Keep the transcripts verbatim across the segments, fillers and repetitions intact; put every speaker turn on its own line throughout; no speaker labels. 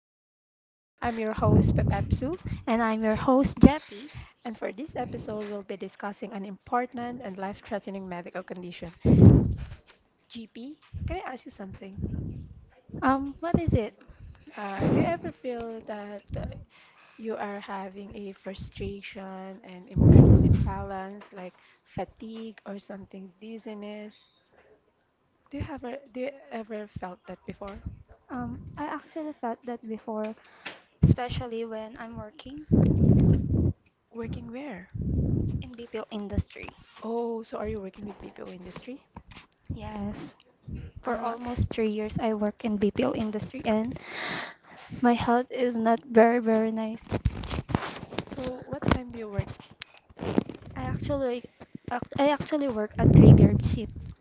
Show. I'm your host, Pepepsu, and for this episode, we'll be discussing an important and life threatening medical condition. G P, can I ask you something? Uh, do you ever feel that uh, you are having a frustration and emotional imbalance, like fatigue or something, dizziness? Do you ever do you ever felt that before? Working where? Oh, so are you working with B P O industry? Uh, so what time do you work?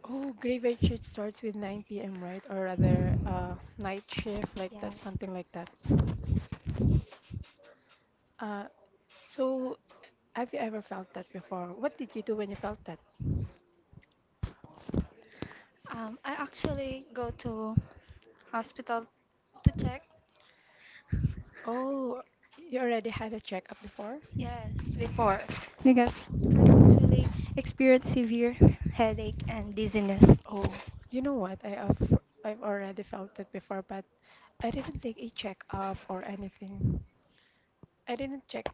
Oh, graveyard shift starts with nine p m, right? Or rather, uh, night shift, like that, something like that. Uh, so have you ever felt that before? What did you do when you felt that? Oh, you already had a checkup before? Oh, you know what? I have, I've already felt it before, but I didn't take a checkup or anything. I didn't check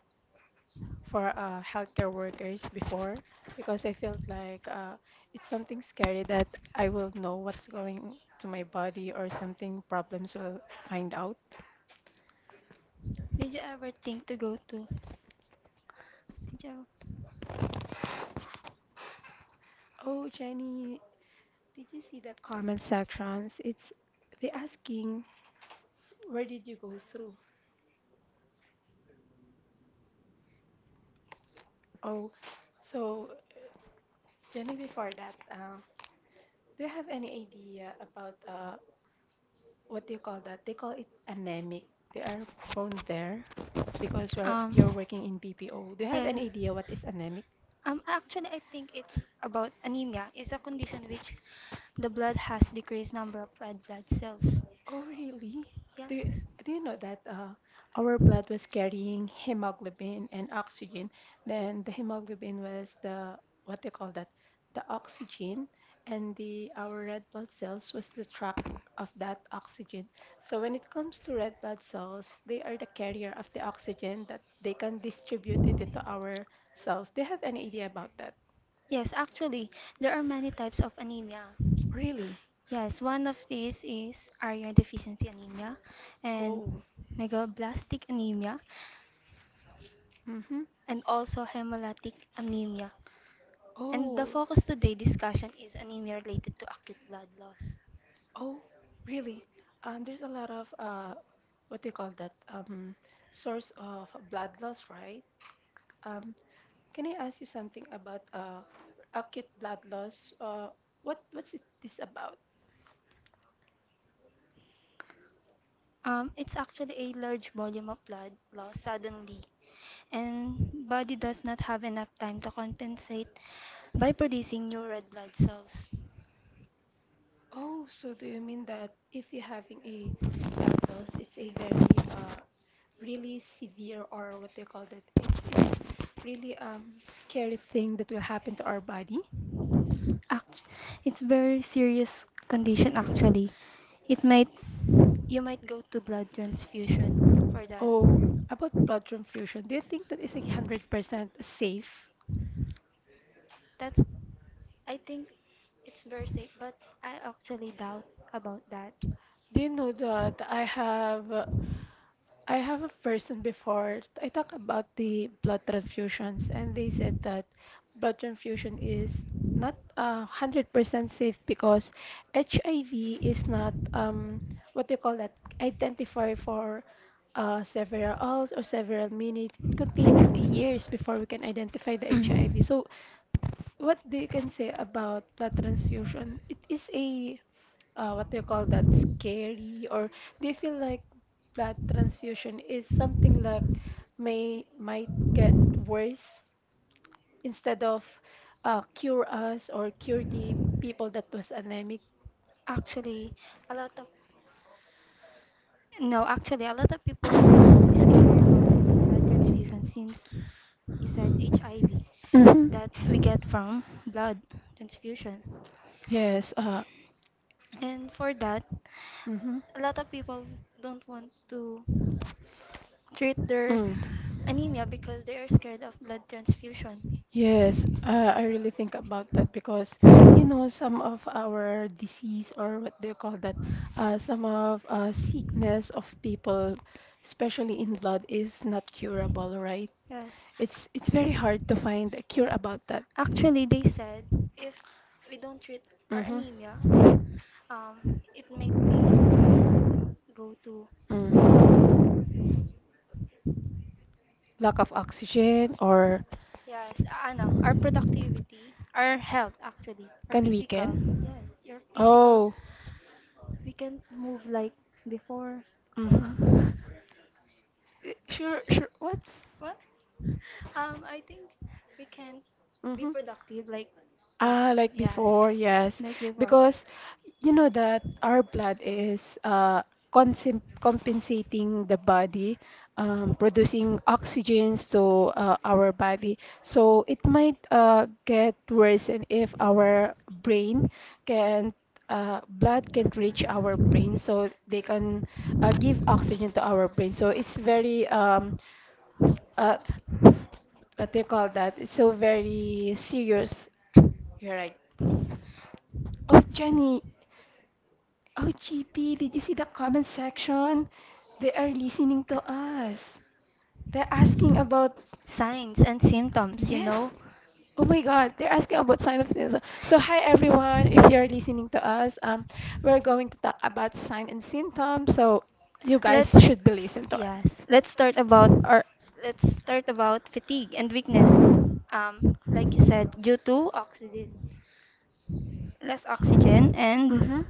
for uh, healthcare workers before because I felt like uh, it's something scary that I will know what's going to my body or something problems will find out. Oh, Jenny, did you see the comment sections? It's they asking where did you go through? Oh, so Jenny, before that, uh, do you have any idea about uh, what do you call that? They call it anemic. They are prone there. Because you're you're working in B P O. Do you have any idea what is anemic? Oh, really? Do you, do you know that uh, our blood was carrying hemoglobin and oxygen? Then the hemoglobin was the what they call that, the oxygen, and the our red blood cells was the track of that oxygen. So when it comes to red blood cells, they are the carrier of the oxygen that they can distribute it into our cells. Do you have any idea about that? Really? Oh. Mm-hmm. Oh. Oh, really? Um, there's a lot of uh, what do you call that? Um, source of blood loss, right? Um, can I ask you something about uh, acute blood loss? Uh, what what's it, this about? Oh, so do you mean that if you're having a blood loss, it's a very uh, really severe or what do you call that? It's is really um scary thing that will happen to our body. Oh, about blood transfusion, do you think that is a hundred percent safe? Do you know that I have uh, I have a person before I talk about the blood transfusions and they said that blood transfusion is not a hundred percent safe because H I V is not um what do you call that identify for uh, several hours or several minutes. It contains years before we can identify the H I V. So what do you can say about blood transfusion? It is a uh, what do you call that scary or do you feel like blood transfusion is something like may might get worse instead of uh, cure us or cure the people that was anemic? Mhm. Yes, uh, mm-hmm, mm hmm Yes, uh, I really think about that because, you know, some of our disease or what do you call that, uh, some of uh, sickness of people, especially in blood, is not curable, right? It's it's very hard to find a cure about that. Mm-hmm. Mm. Lack of oxygen or can we can? Oh, mm-hmm. Eh, Sure, sure. What? Hmm. Ah, like before, yes. Because you know that our blood is uh, consim- compensating the body, um, producing oxygens to uh, our body. So it might uh, get worse and if our brain can uh, blood can't reach our brain, so they can uh, give oxygen to our brain. So it's very um, uh, s- what they call that. It's so very serious you're right. Oh, Jenny. Oh, G P, did you see the comment section? They are listening to us. They're asking about yes. Oh my God, they're asking about sign of sin. So, so hi everyone, if you're listening to us, um, we're going to talk about sign and symptom. So you guys should be listening to it. Mm-hmm.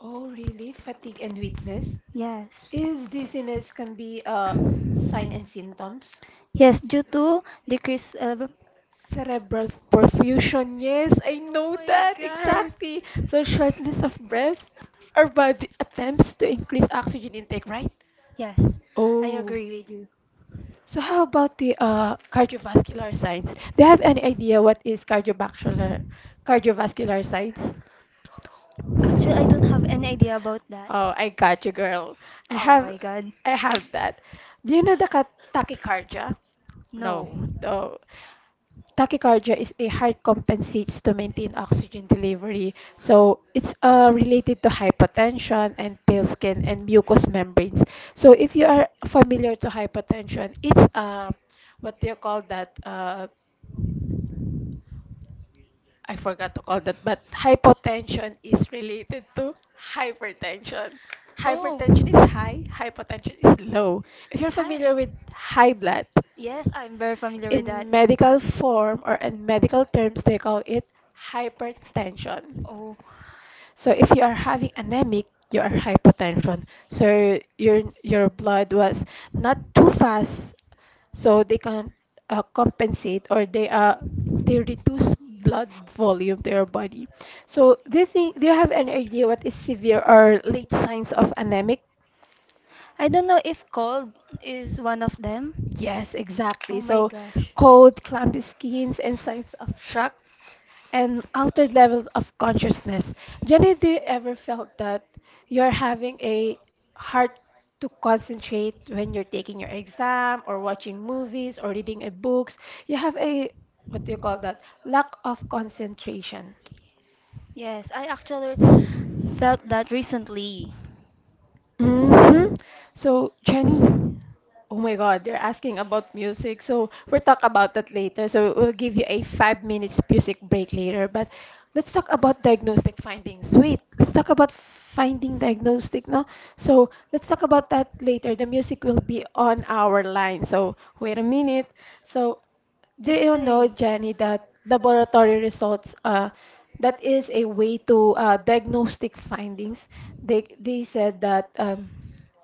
Oh, really? Fatigue and weakness? Is dizziness can be a sign and symptoms? Cerebral perfusion, yes, I know that exactly. So shortness of breath, our body attempts to increase oxygen intake, right? Oh, so how about the uh, cardiovascular signs? Do you have any idea what is cardiovascular cardiovascular signs? Oh, I got you, girl. I have, I have that. Do you know the ca- tachycardia? No, no. Tachycardia is a heart compensates to maintain oxygen delivery. So it's uh, related to hypotension and pale skin and mucous membranes. So if you are familiar to hypotension, it's uh, what do you call that? Uh, I forgot to call that, but hypotension is related to hypertension. Hypertension is high, hypotension is low. If you're familiar with high blood, in medical form or in medical terms, they call it hypertension. So if you are having anemic, you are hypotension. So your your blood was not too fast so they can uh, compensate or they uh, they reduce blood volume to your body. So do you think do you have any idea what is severe or late signs of anemic? Yes, exactly. So cold, clammy skins, and signs of shock and altered level of consciousness. Jenny, do you ever felt that you're having a hard to concentrate when you're taking your exam or watching movies or reading a books? You have a what do you call that? Lack of concentration. Hmm. So, Jenny, oh my God, they're asking about music. So, we'll talk about that later. So, we'll give you a five minutes music break later. But let's talk about diagnostic findings. Wait, let's talk about finding diagnostic, no? So, let's talk about that later. The music will be on our line. So, wait a minute. So, do you know, Jenny, that laboratory results, uh, that is a way to uh, diagnostic findings. They they said that um,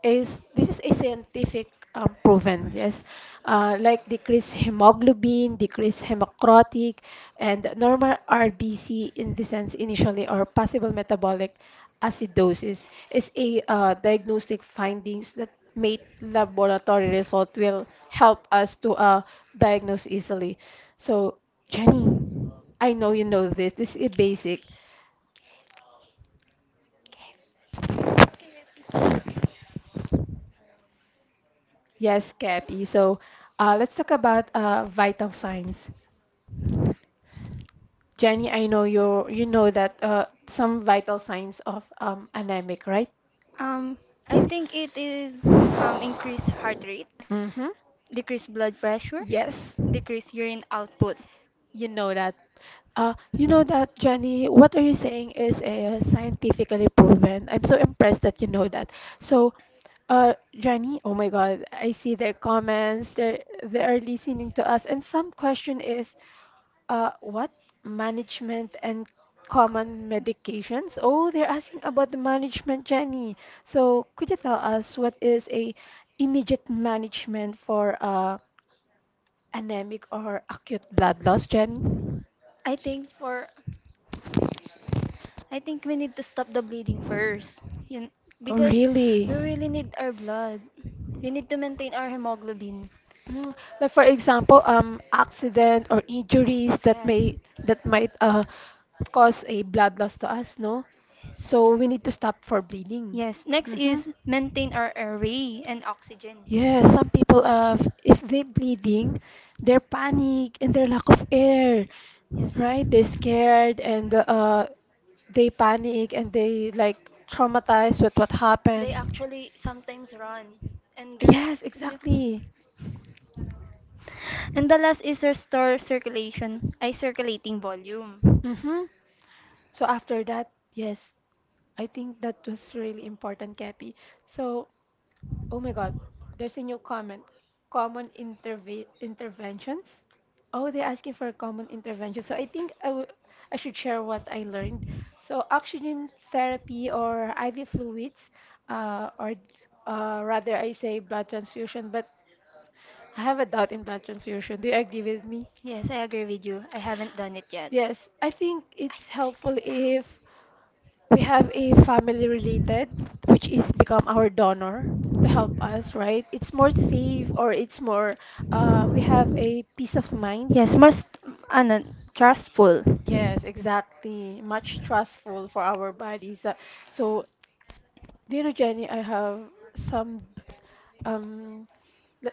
is this is a scientific um, proven, yes, uh, like decreased hemoglobin, decreased hemocrotic, and normal R B C in the sense initially or possible metabolic acidosis is a uh, diagnostic findings that mate laboratory result will help us to uh, diagnose easily. So, Jenny, I know you know this. This is basic. Yes, Cappy. So, uh, let's talk about uh, vital signs. Jenny, I know you you know that uh, some vital signs of um, anemic, right? Mm-hmm. Yes. You know that. Uh, you know that, Jenny. What are you saying is uh, scientifically proven. I'm so impressed that you know that. So, uh, Jenny. Oh my God, I see their comments. They're, they are listening to us. And some question is, uh, what? Management and common medications? Oh, they're asking about the management, Jenny. So, could you tell us what is a immediate management for uh, anemic or acute blood loss, Jenny? Oh, really? Mm, Like for example, um, accident or injuries that may that might uh cause a blood loss to us, no? So we need to stop for bleeding. Mm-hmm. Yeah, some people uh if they're bleeding, are panic and their lack of air, right? They're scared and uh they panic and they like traumatized with what happened. Yes, exactly. Mm-hmm. So after that, yes, I think that was really important, Cappy. So oh my God, there's a new comment. Common interve interventions. Oh, they're asking for common interventions. So I think I wou- I should share what I learned. So oxygen therapy or I V fluids, uh, or uh, rather I say blood transfusion, but I have a doubt in blood transfusion. Do you agree with me? Yes, I think it's helpful if we have a family related which is become our donor to help us, right? It's more safe or it's more uh, we have a peace of mind, yes exactly, much trustful for our bodies. Uh, so do you know, Jenny, I have some um le-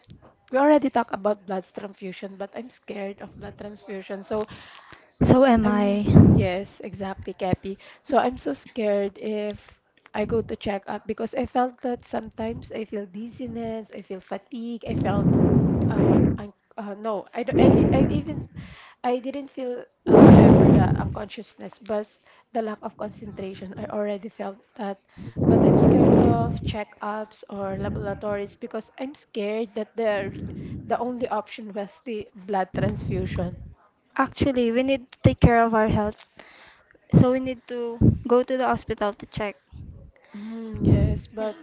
we already talked about blood transfusion but I'm scared of blood transfusion. so I'm, yes, exactly, Cappy. So I'm so scared if I go to check up because I felt that sometimes I feel dizziness, I feel fatigue, I felt uh, un uh no, I don't, I, di I even I didn't feel uh, ever the unconsciousness, but the lack of concentration. I already felt that. But I'm scared of checkups or laboratories because I'm scared that the the only option was the blood transfusion. Mm, yes, but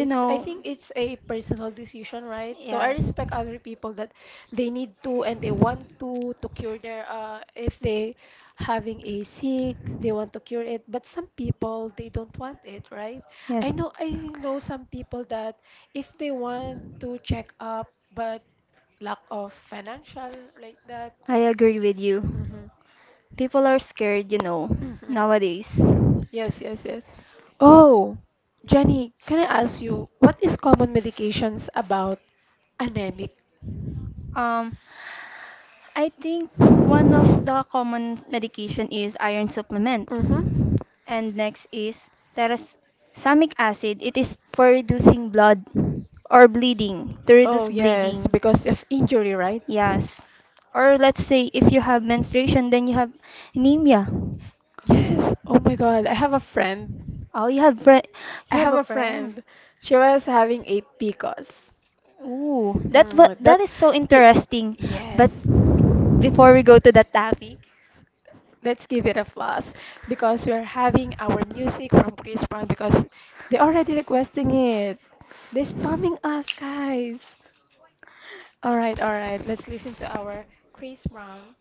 it's I think it's a personal decision, right? So I respect other people that they need to and they want to to cure their uh if they having a sick, they want to cure it, but some people they don't want it, right? I know I know some people that if they want to check up but lack of financial like that. Hmm. Hmm. Yes, yes, yes. Oh, Jenny, can I ask you what is common medications about anemic? Mm-hmm. Oh, yes, because of injury, right? Yes. Oh my God, I have a friend. I have a friend. She was having a P C O S. Mm, that be, yes. Let's give it a plus because we're having our music from Chris Brown because they already requesting it. They're spamming us, guys. All right, all right. Let's listen to our Chris Brown.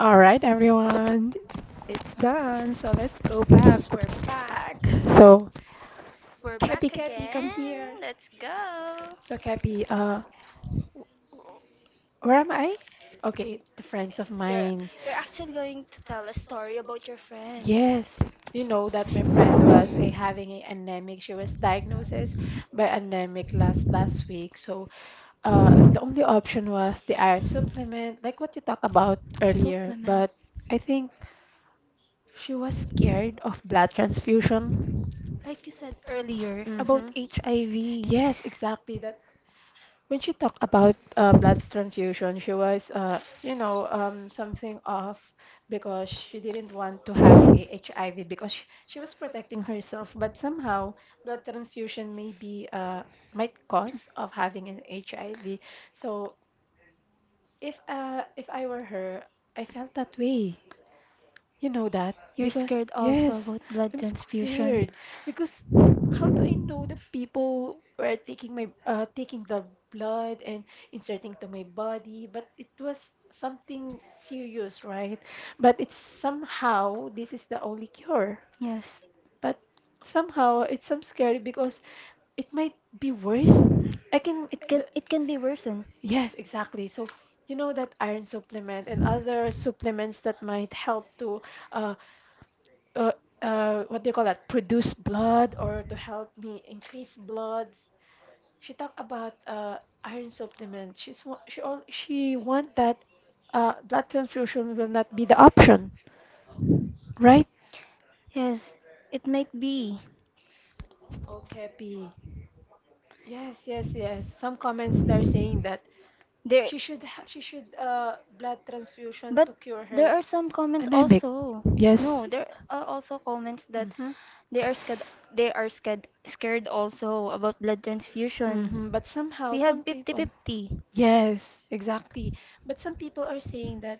All right, everyone. It's done. So let's go back. We're back. So, Cappy, Cappy, come here. So, Cappy, uh, where am I? Okay, the friends of mine. Yes, you know that my friend was eh, having a anemic. She was diagnosed by anemic last last week. So uh, the only option was the iron supplement, like what you talked about earlier. But I think she was scared of blood transfusion. Mm-hmm. Yes, exactly. That when she talked about uh, blood transfusion, she was, uh, you know, um, something off because she didn't want to having a H I V because she, she was protecting herself. But somehow, blood transfusion may be uh, might cause of having an H I V. So if uh, if I were her, I felt that way. You know that? Because, yes, I'm scared. Because how do I know the people were taking my uh, taking the blood and inserting to my body? But it was something serious, right? But it's somehow this is the only cure. But somehow it's some scary because it might be worse. I can, the, yes, exactly. So, you know that iron supplement and other supplements that might help to uh, uh, uh, what do you call that? Produce blood or to help me increase blood. She talked about uh, iron supplement. She's wa- she all she want that uh, blood transfusion will not be the option, right? Okay, P. Yes, yes, yes. Some comments are saying that she should ha- she should uh blood transfusion to cure her. Anemic. Yes. Mm-hmm. Hmm. But somehow some people, yes, exactly. But some people are saying that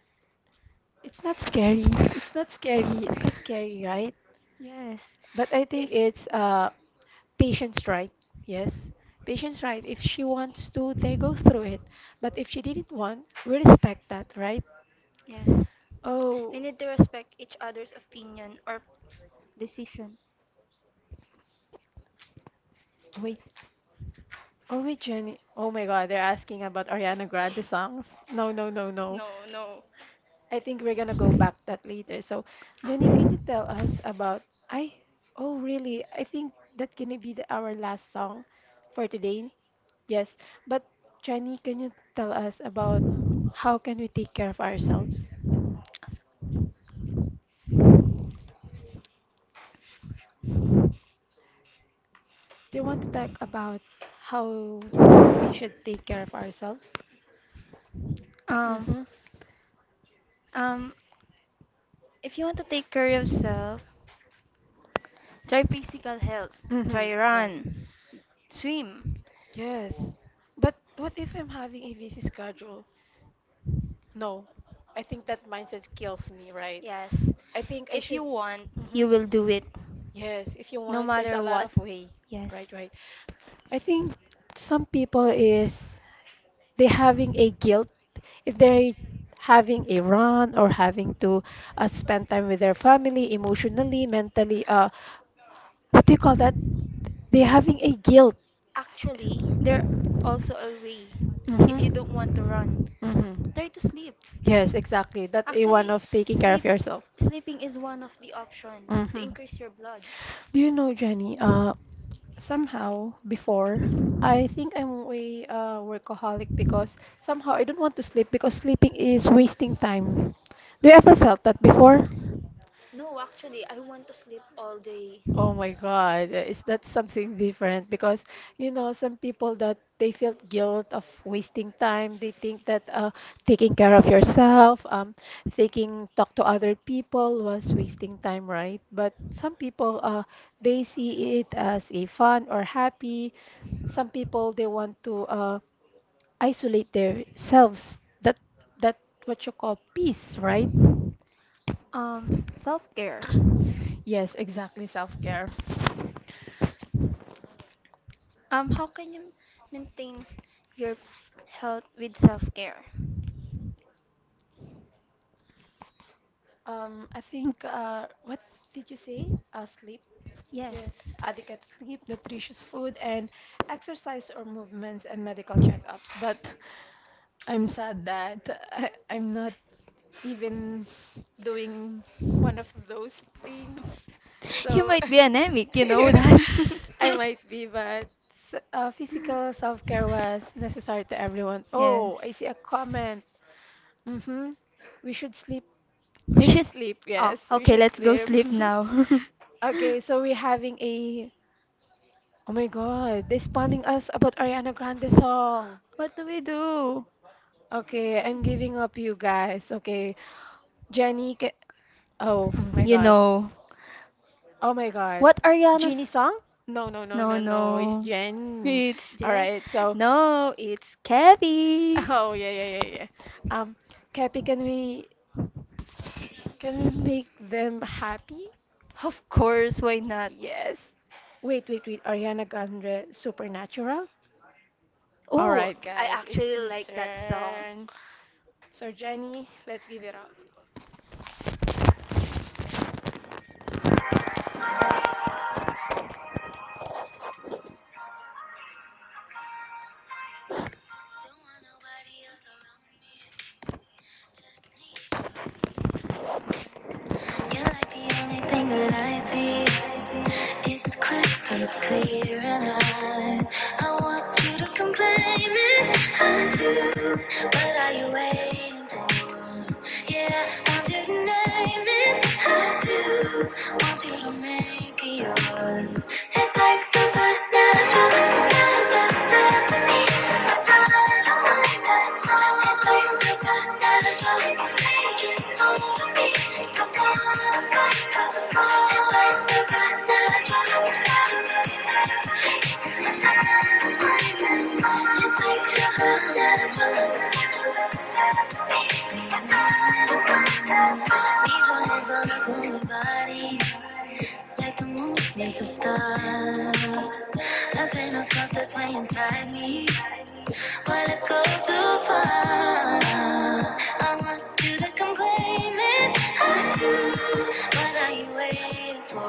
it's not scary. It's not scary. It's not scary, right? But I think it's uh patient's right? Yes. Patient's right? If she wants to, they go through it. But if she didn't want, we respect that, right? Oh, wait. Are we Jenny? Oh my God, they're asking about Ariana Grande songs. No, no, no, no. I think we're gonna go back that later. So, Jenny, can you tell us about? I. Oh, really? I think that gonna be the, our last song for today. Yes, but Jenny, can you tell us about how can we take care of ourselves? Do you want to talk about how we should take care of ourselves? Mm-hmm. Mm-hmm. Right. Yes. But what if I'm having a busy schedule? No. I think that mindset kills me, right? I think I should. Mm-hmm. Yes, if you want, there's a lot of way. Right, right. I think some people is they're having a guilt if they're having a run or having to uh, spend time with their family emotionally mentally uh what do you call that they're having a guilt. Mm-hmm. Mm-hmm. Yes, exactly, that a one of taking care of yourself. Mm-hmm. Do you know, Jenny, uh, somehow before, I think I'm way uh, workaholic because somehow I don't want to sleep because sleeping is wasting time. Do you ever felt that before? Oh my God, uh, is that something different? Because, you know, some people that they feel guilt of wasting time. They think that uh, taking care of yourself, um, taking talk to other people was wasting time, right? But some people, uh, they see it as a fun or happy. Some people they want to uh, isolate themselves. That that what you call peace, right? Yes, exactly, self-care. Um, I think, uh, what did you say? Uh, sleep. Yes, adequate sleep, nutritious food, and exercise or movements and medical checkups. But I'm sad that I, I'm not even doing one of those things. So I might be, but s- uh, physical self-care was necessary to everyone. Oh, I see a comment. Mm-hmm. We should sleep we should sleep, yes. We should sleep. Okay, so we're having a. Oh my God, they're spamming us about Ariana Grande song. Okay, I'm giving up, you guys. Okay, Jenny. Ca- oh my God. Oh my God. Genie song? No, no, no, no, no. It's Jen. All right. So, oh yeah, yeah, yeah, yeah. Um, Cappy, can we can we make them happy? Yes. Wait, wait, wait. Ariana Grande, Supernatural. All right, guys, it's your turn. So, Jenny, let's give it up.
You are like the only thing that I see. It's crystal clear, and I, I want you to come claim it. I do. What are you waiting for? Yeah, want you to name it. I do. Want you to make it yours. It's like supernatural. The sky's where the stars, but it's destiny. Like the moon needs the stars. Nothing else but this inside me. But let's go too far. I want you to come claim it. I do. What are you waiting for?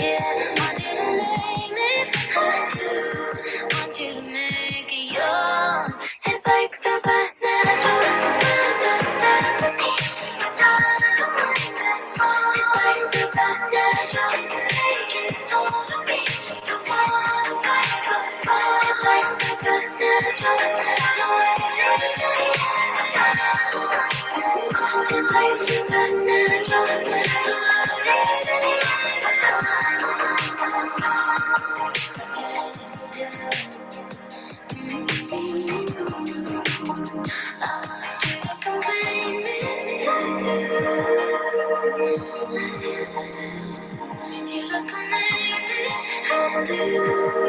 Yeah, want you to name it. I do. Want you to make it yours. It's like supernatural. Stars, stars, stars for I don't could find that. Thank you. You don't come name it, I do.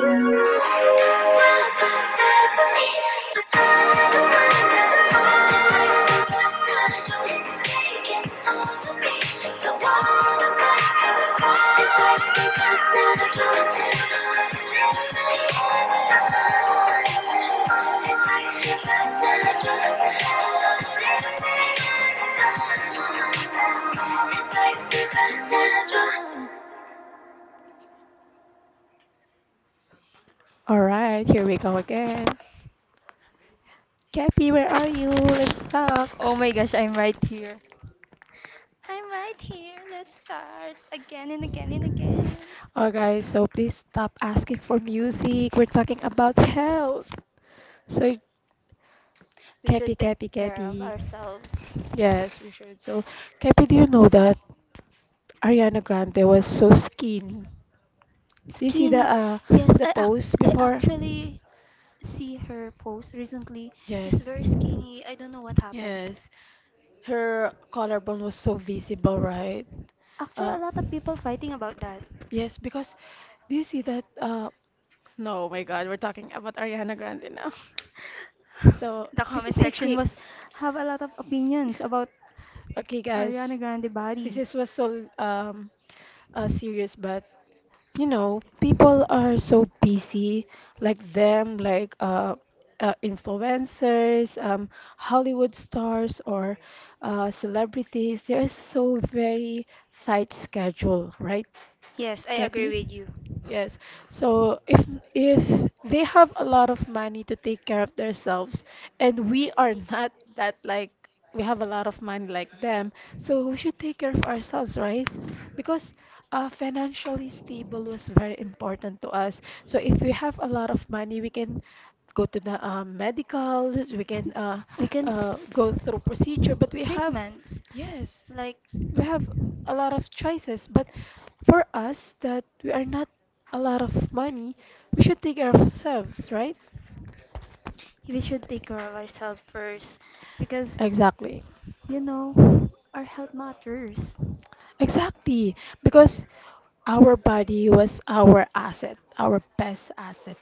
There's a thousand pieces of me, but I'm the one that it's like supernatural.
All right, here we go again. Cappy, where are you? Let's talk. Oh, guys, so please stop asking for music. We're talking about health. So, Cappy, Cappy, Cappy. Yes, we should. So, Cappy, do you know that Ariana Grande was so skinny? Do you see the uh the post before? Yes. Yes. Her collarbone was so visible, right? Uh, yes, because do you see that? Uh, no, oh my God, we're talking about Ariana Grande now. So this is a quick. Okay, guys, this is was so um uh, serious, but you know people are so busy like them like uh, uh influencers, um Hollywood stars or uh celebrities, they're so very tight schedule, right Gabby? Yes. So if if they have a lot of money to take care of themselves and we are not that like we have a lot of money like them, so we should take care of ourselves, right? Because uh, financially stable was very important to us. So if we have a lot of money, we can go to the um, medical, we can uh, uh, go through procedure, but we have, yes, we have a lot of choices, but for us that we are not a lot of money, we should take care of ourselves, right? Exactly. Exactly, because our body was our asset, our best asset.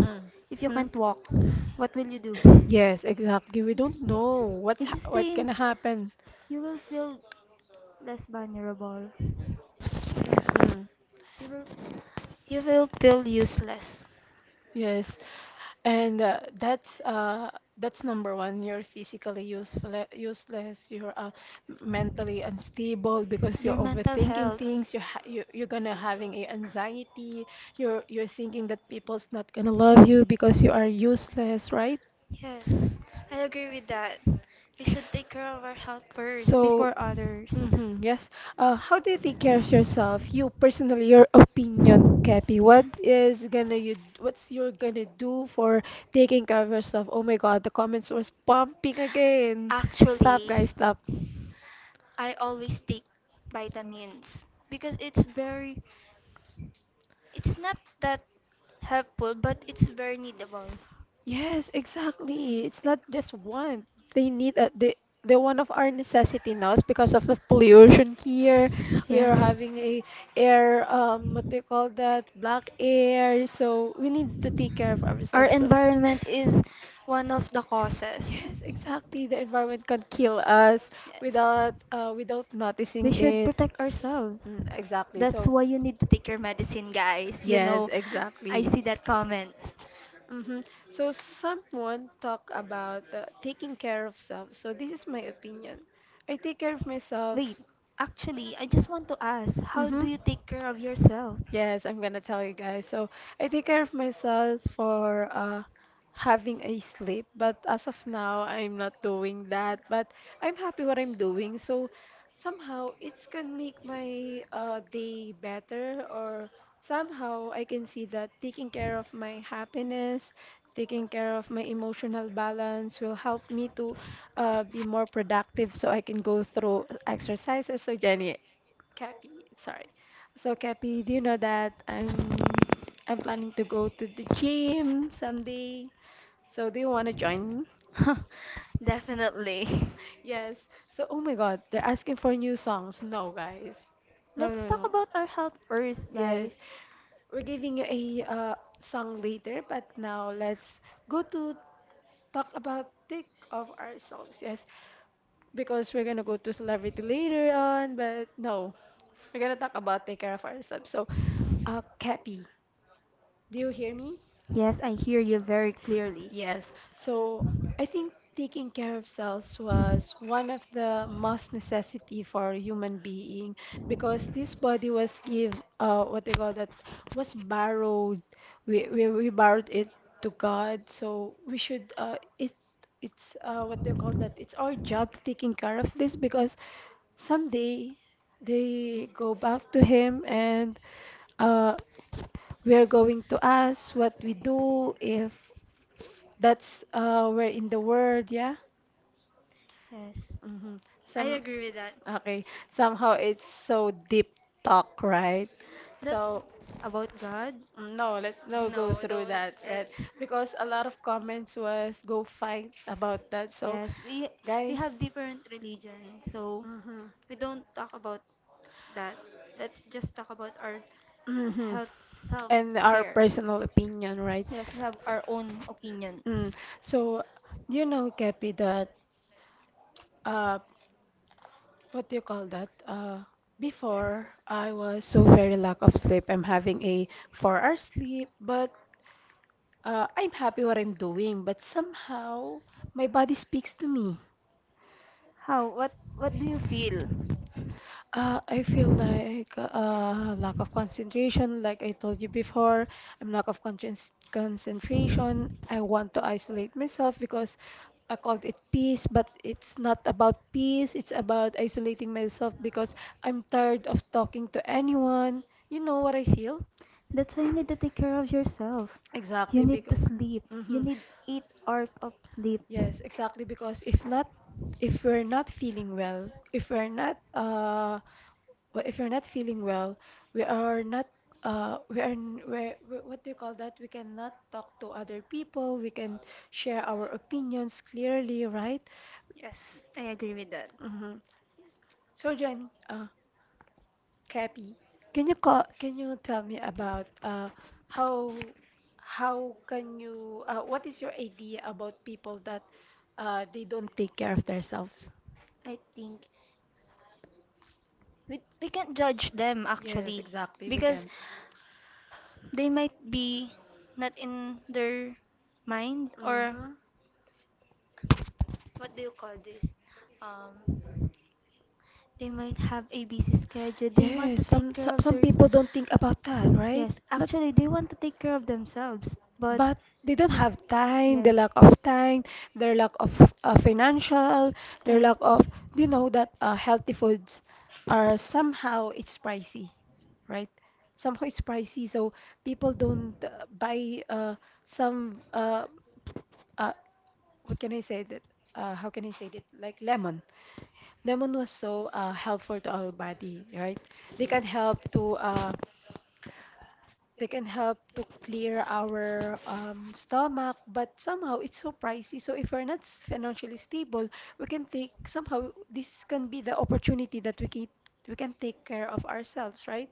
Mm-hmm. Yes, exactly. We don't know what's ha- what gonna happen. Hmm. Yes, and uh, that's uh that's number one. You're physically useful, useless. You're uh, m- mentally unstable because you're overthinking things. You're ha you you're gonna having a anxiety. You're you're thinking that people's not gonna love you because you are useless, right? So, mhm, yes. Uh, how do you take care of yourself? You personally, your opinion, Kepi. What is gonna you? What's you're gonna do for taking care of yourself? Oh my God, the comments was pumping again. Stop, guys, stop. Yes, exactly. It's not just one. They need a, the the one of our necessity now is because of the pollution here. We are having a air um what do you call that? Black air. So we need to take care of ourselves. So yes, exactly. The environment can kill us without uh without noticing it. Mm, exactly. So yes, exactly. Hmm. So someone talk about uh, taking care of self. So this is my opinion. I take care of myself. Mm-hmm. Yes, I'm gonna tell you guys. So I take care of myself for uh having a sleep, but as of now I'm not doing that. But I'm happy what I'm doing. So somehow it's can make my uh day better or somehow I can see that taking care of my happiness, taking care of my emotional balance will help me to uh be more productive so I can go through exercises. So Jenny, Cappy, sorry. So Cappy, do you know that I'm I'm planning to go to the gym someday? So do you want to join me? Yes. So oh my God, they're asking for new songs. No, guys. No, no, no. Yes. We're giving you a uh, song later, but now let's go to talk about thick of ourselves. Yes. Because we're gonna go to celebrity later on, but no, we're gonna talk about take care of ourselves. So, uh, Cappy, do you hear me? Yes, so I think taking care of cells was one of the most necessity for human being because this body was give uh what they call that was borrowed, we we, we borrowed it to God so we should uh it it's uh what they call that it's our job to taking care of this because someday they go back to him and uh we are going to ask what we do if that's uh where in the world, yeah. Hmm. Some, okay. Somehow it's so deep talk, right? So mm, no, let's no go through that, right? Because a lot of comments was go fight about that. So guys, mm-hmm, mm-hmm, and our personal opinion, right? Mm. So you know, Kepi, that uh, what do you call that? Uh, before I was so very lack of sleep. I'm having a four hour sleep, but Uh, I'm happy what I'm doing, but somehow my body speaks to me. Uh, I feel like uh, lack of concentration, like I told you before. I'm lack of conscious concentration. I want to isolate myself because I called it peace, but it's not about peace. It's about isolating myself because I'm tired of talking to anyone. You know what I feel? Exactly because. Mhm. Yes, exactly. Because if not, if we're not feeling well, if we're not, uh, well, if we're not feeling well, we are not, uh, we are, n- we're, we- what do you call that? We cannot talk to other people. We can share our opinions clearly, right? Mm-hmm. So, Jenny, uh, Cappy, can you call, can you tell me about, uh, how, how can you, uh, what is your idea about people that, uh, they don't take care of themselves? Yes, exactly. We can. Mm-hmm. Yes. some, some some people don't think about that, right? Not, but they don't have time, the lack of time, their lack of uh, financial, their lack of, do you know that uh, healthy foods are somehow it's pricey, right? Somehow it's pricey, so people don't uh, buy uh, some uh, uh, what can I say that? Uh, how can I say that? Like lemon. Lemon was so uh, helpful to our body, right? They can help to uh, they can help to clear our um, stomach, but somehow it's so pricey. So if we're not s- financially stable, we can take somehow this can be the opportunity that we can we can take care of ourselves, right?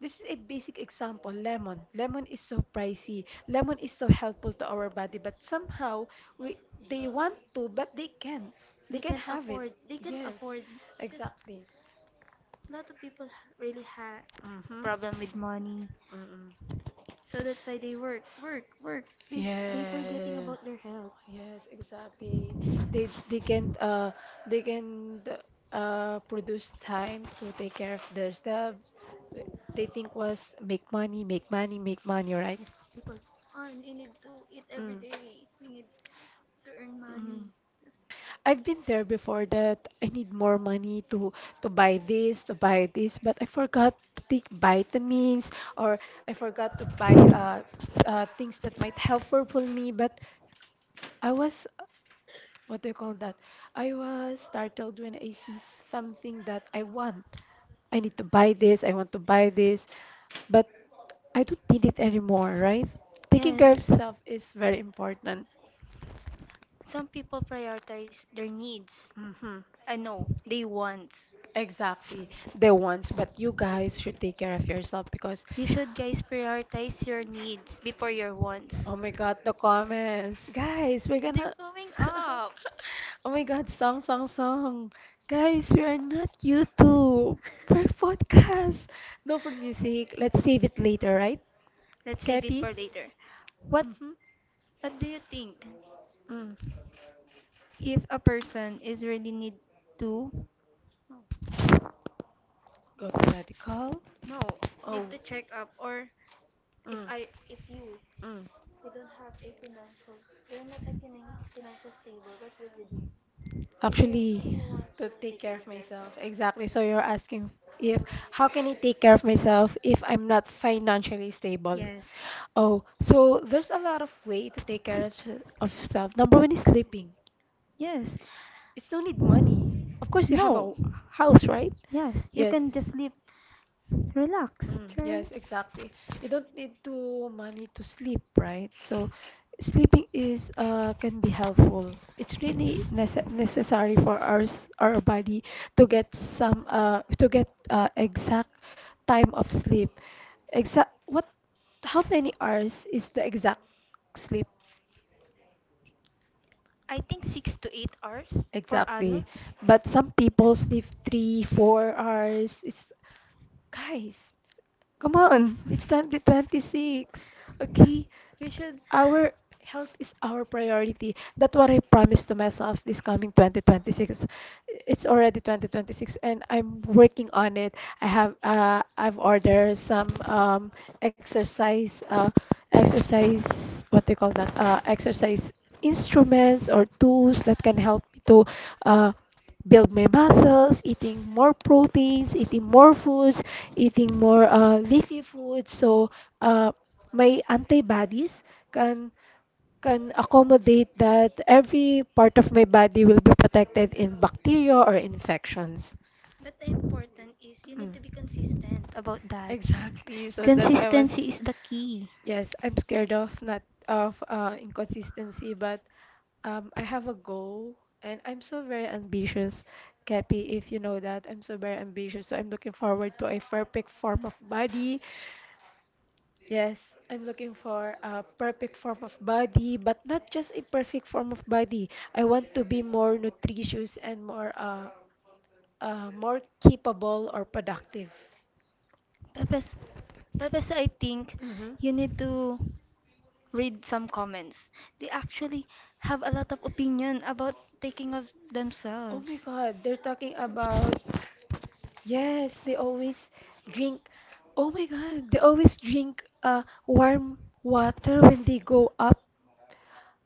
This is a basic example. Lemon. Lemon is so pricey. Lemon is so helpful to our body, but somehow we they want to, but they can. They can have it. Yes, exactly. Mhm. Mm-mm. Yeah. Yes, exactly. They they can't uh they can uh produce time to take care of themselves. They think was make money, make money, make money, right? Mm. Mm. I've been there before that I need more money to to buy this, to buy this, but I forgot to take vitamins or I forgot to buy uh, uh things that might help for me, but I was what do you call that? I was startled when I see something that I want. I need to buy this, I want to buy this, but I don't need it anymore, right? Taking care of self is very important. Mm-hmm. Exactly. The ones, but you guys should take care of yourself because, oh my God, the comments. Guys, we're gonna. Oh my God, song, song, song. Guys, we are not YouTube. We're podcast. No for music. Let's save it later, right? Cappy. Mm-hmm. Mm. Go to medical. Oh. Mm. Mm. Actually, to take care of myself. Exactly. So you're asking if how can I take care of myself if I'm not financially stable? Oh, so there's a lot of way to take care of, se- of self. Number one is sleeping. It's no need money. Of course, you have a w- house, right? Yes. Mm, yes, exactly. You don't need to money to sleep, right? So sleeping is uh can be helpful. It's really nece- necessary for our s- our body to get some uh to get uh, exact time of sleep. Exact what how many hours is the exact sleep exactly? But some people sleep three, four hours. It's guys, come on. It's twenty twenty-six. Okay? Our health is our priority. That's what I promised to myself this coming twenty twenty-six. It's already twenty twenty-six and I'm working on it. I have uh, I've ordered some um, exercise uh, exercise what do you call that? Uh, exercise instruments or tools that can help me to uh, build my muscles, eating more proteins, eating more foods, eating more uh, leafy foods. So uh, my antibodies can can accommodate that every part of my body will be protected in bacteria or infections. Mm. Exactly. So that I was, yes, I'm scared of not of uh, inconsistency, but um, I have a goal and I'm so very ambitious, Kepi, if you know that. I'm so very ambitious. So I'm looking forward to a perfect form of body. Yes, I'm looking for a perfect form of body, but not just a perfect form of body. I want to be more nutritious and more uh, uh more capable or productive. Mm-hmm. Oh my God, they're talking about yes, they always drink. Oh my God, they always drink uh warm water when they go up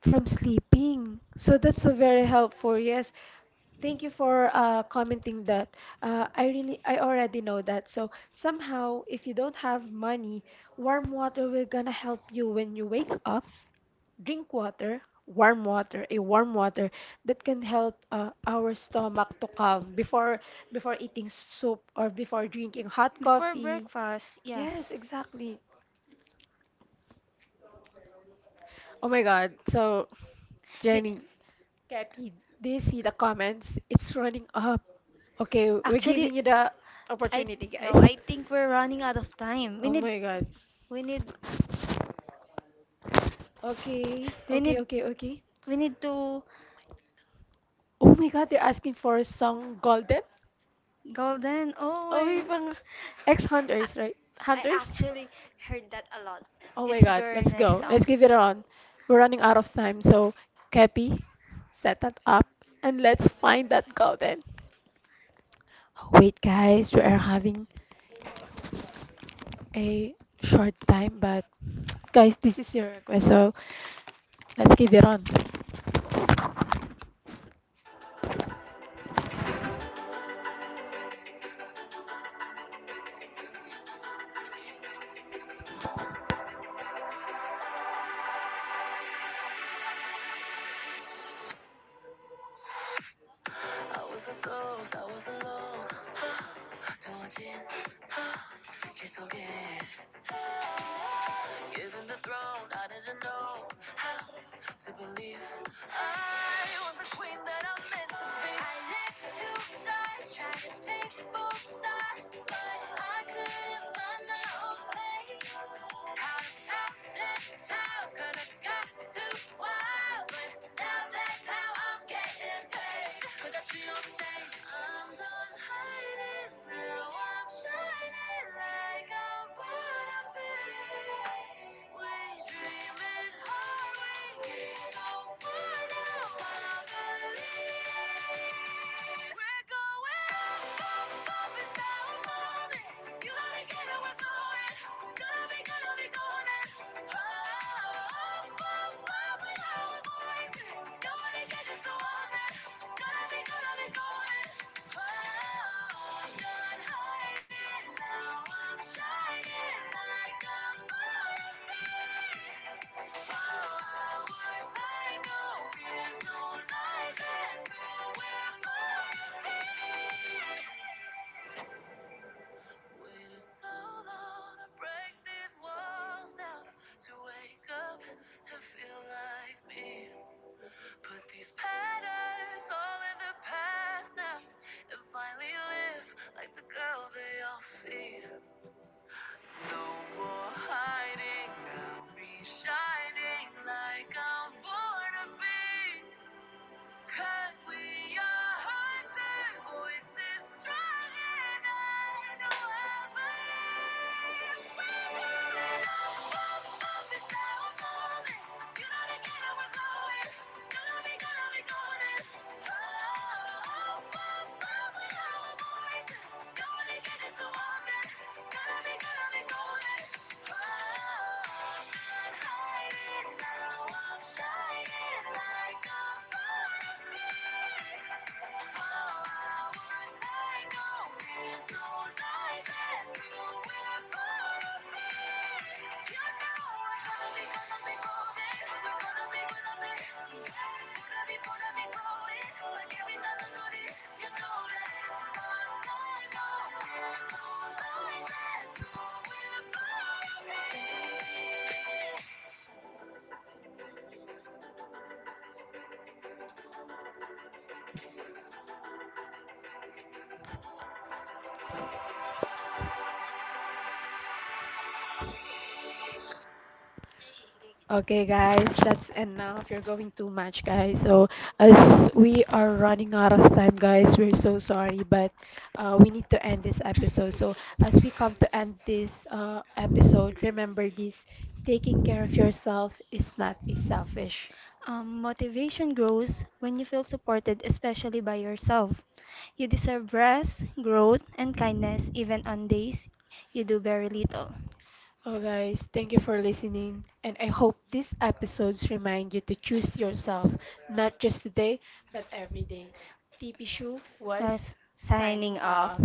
from sleeping. So that's so very helpful. Yes. Thank you for uh, commenting that. Uh, I really, I already know that. So somehow, if you don't have money, warm water will gonna help you when you wake up. Drink water, warm water, a warm water that can help uh, our stomach to calm before before eating soup or before drinking hot coffee. Yes, exactly. Oh my God. So Jenny, Cappy, they see the comments. It's running up. Okay, we're giving you the opportunity, guys. Oh my god. Okay, okay, okay, okay. Oh my god, they're asking for a song Golden? Oh, we pang ex-hunters, right? Hunters? Oh my god, let's go. Let's give it a run. We're running out of time, so Cappy, set that up and let's find that Golden. Wait, guys, we are having a short time, but guys, this is your request, so. Let's give it on.
I was a ghost, I was alone. 두어진 길 Given the throne, I didn't know how to believe I was the queen that I'm meant to be. I let you die, try to pick both but I couldn't find my own place. Caught out left child, could have got too wild, but now that's how I'm getting paid. But that's on stage. I'm done hiding, now I'm shining like I'm gonna be. We dreaming hard, we get on fire now, I believe. There's no lies, there's no we're
Okay, guys, that's enough. You're going too much, guys. So, as we are running out of time, guys, we're so sorry, but uh, we need to end this episode. So, as we come to end this uh, episode, remember this taking care of yourself is not a selfish. Oh, guys, thank you for listening, and I hope these episodes remind you to choose yourself, not just today, but every day. T P Shu was signing off.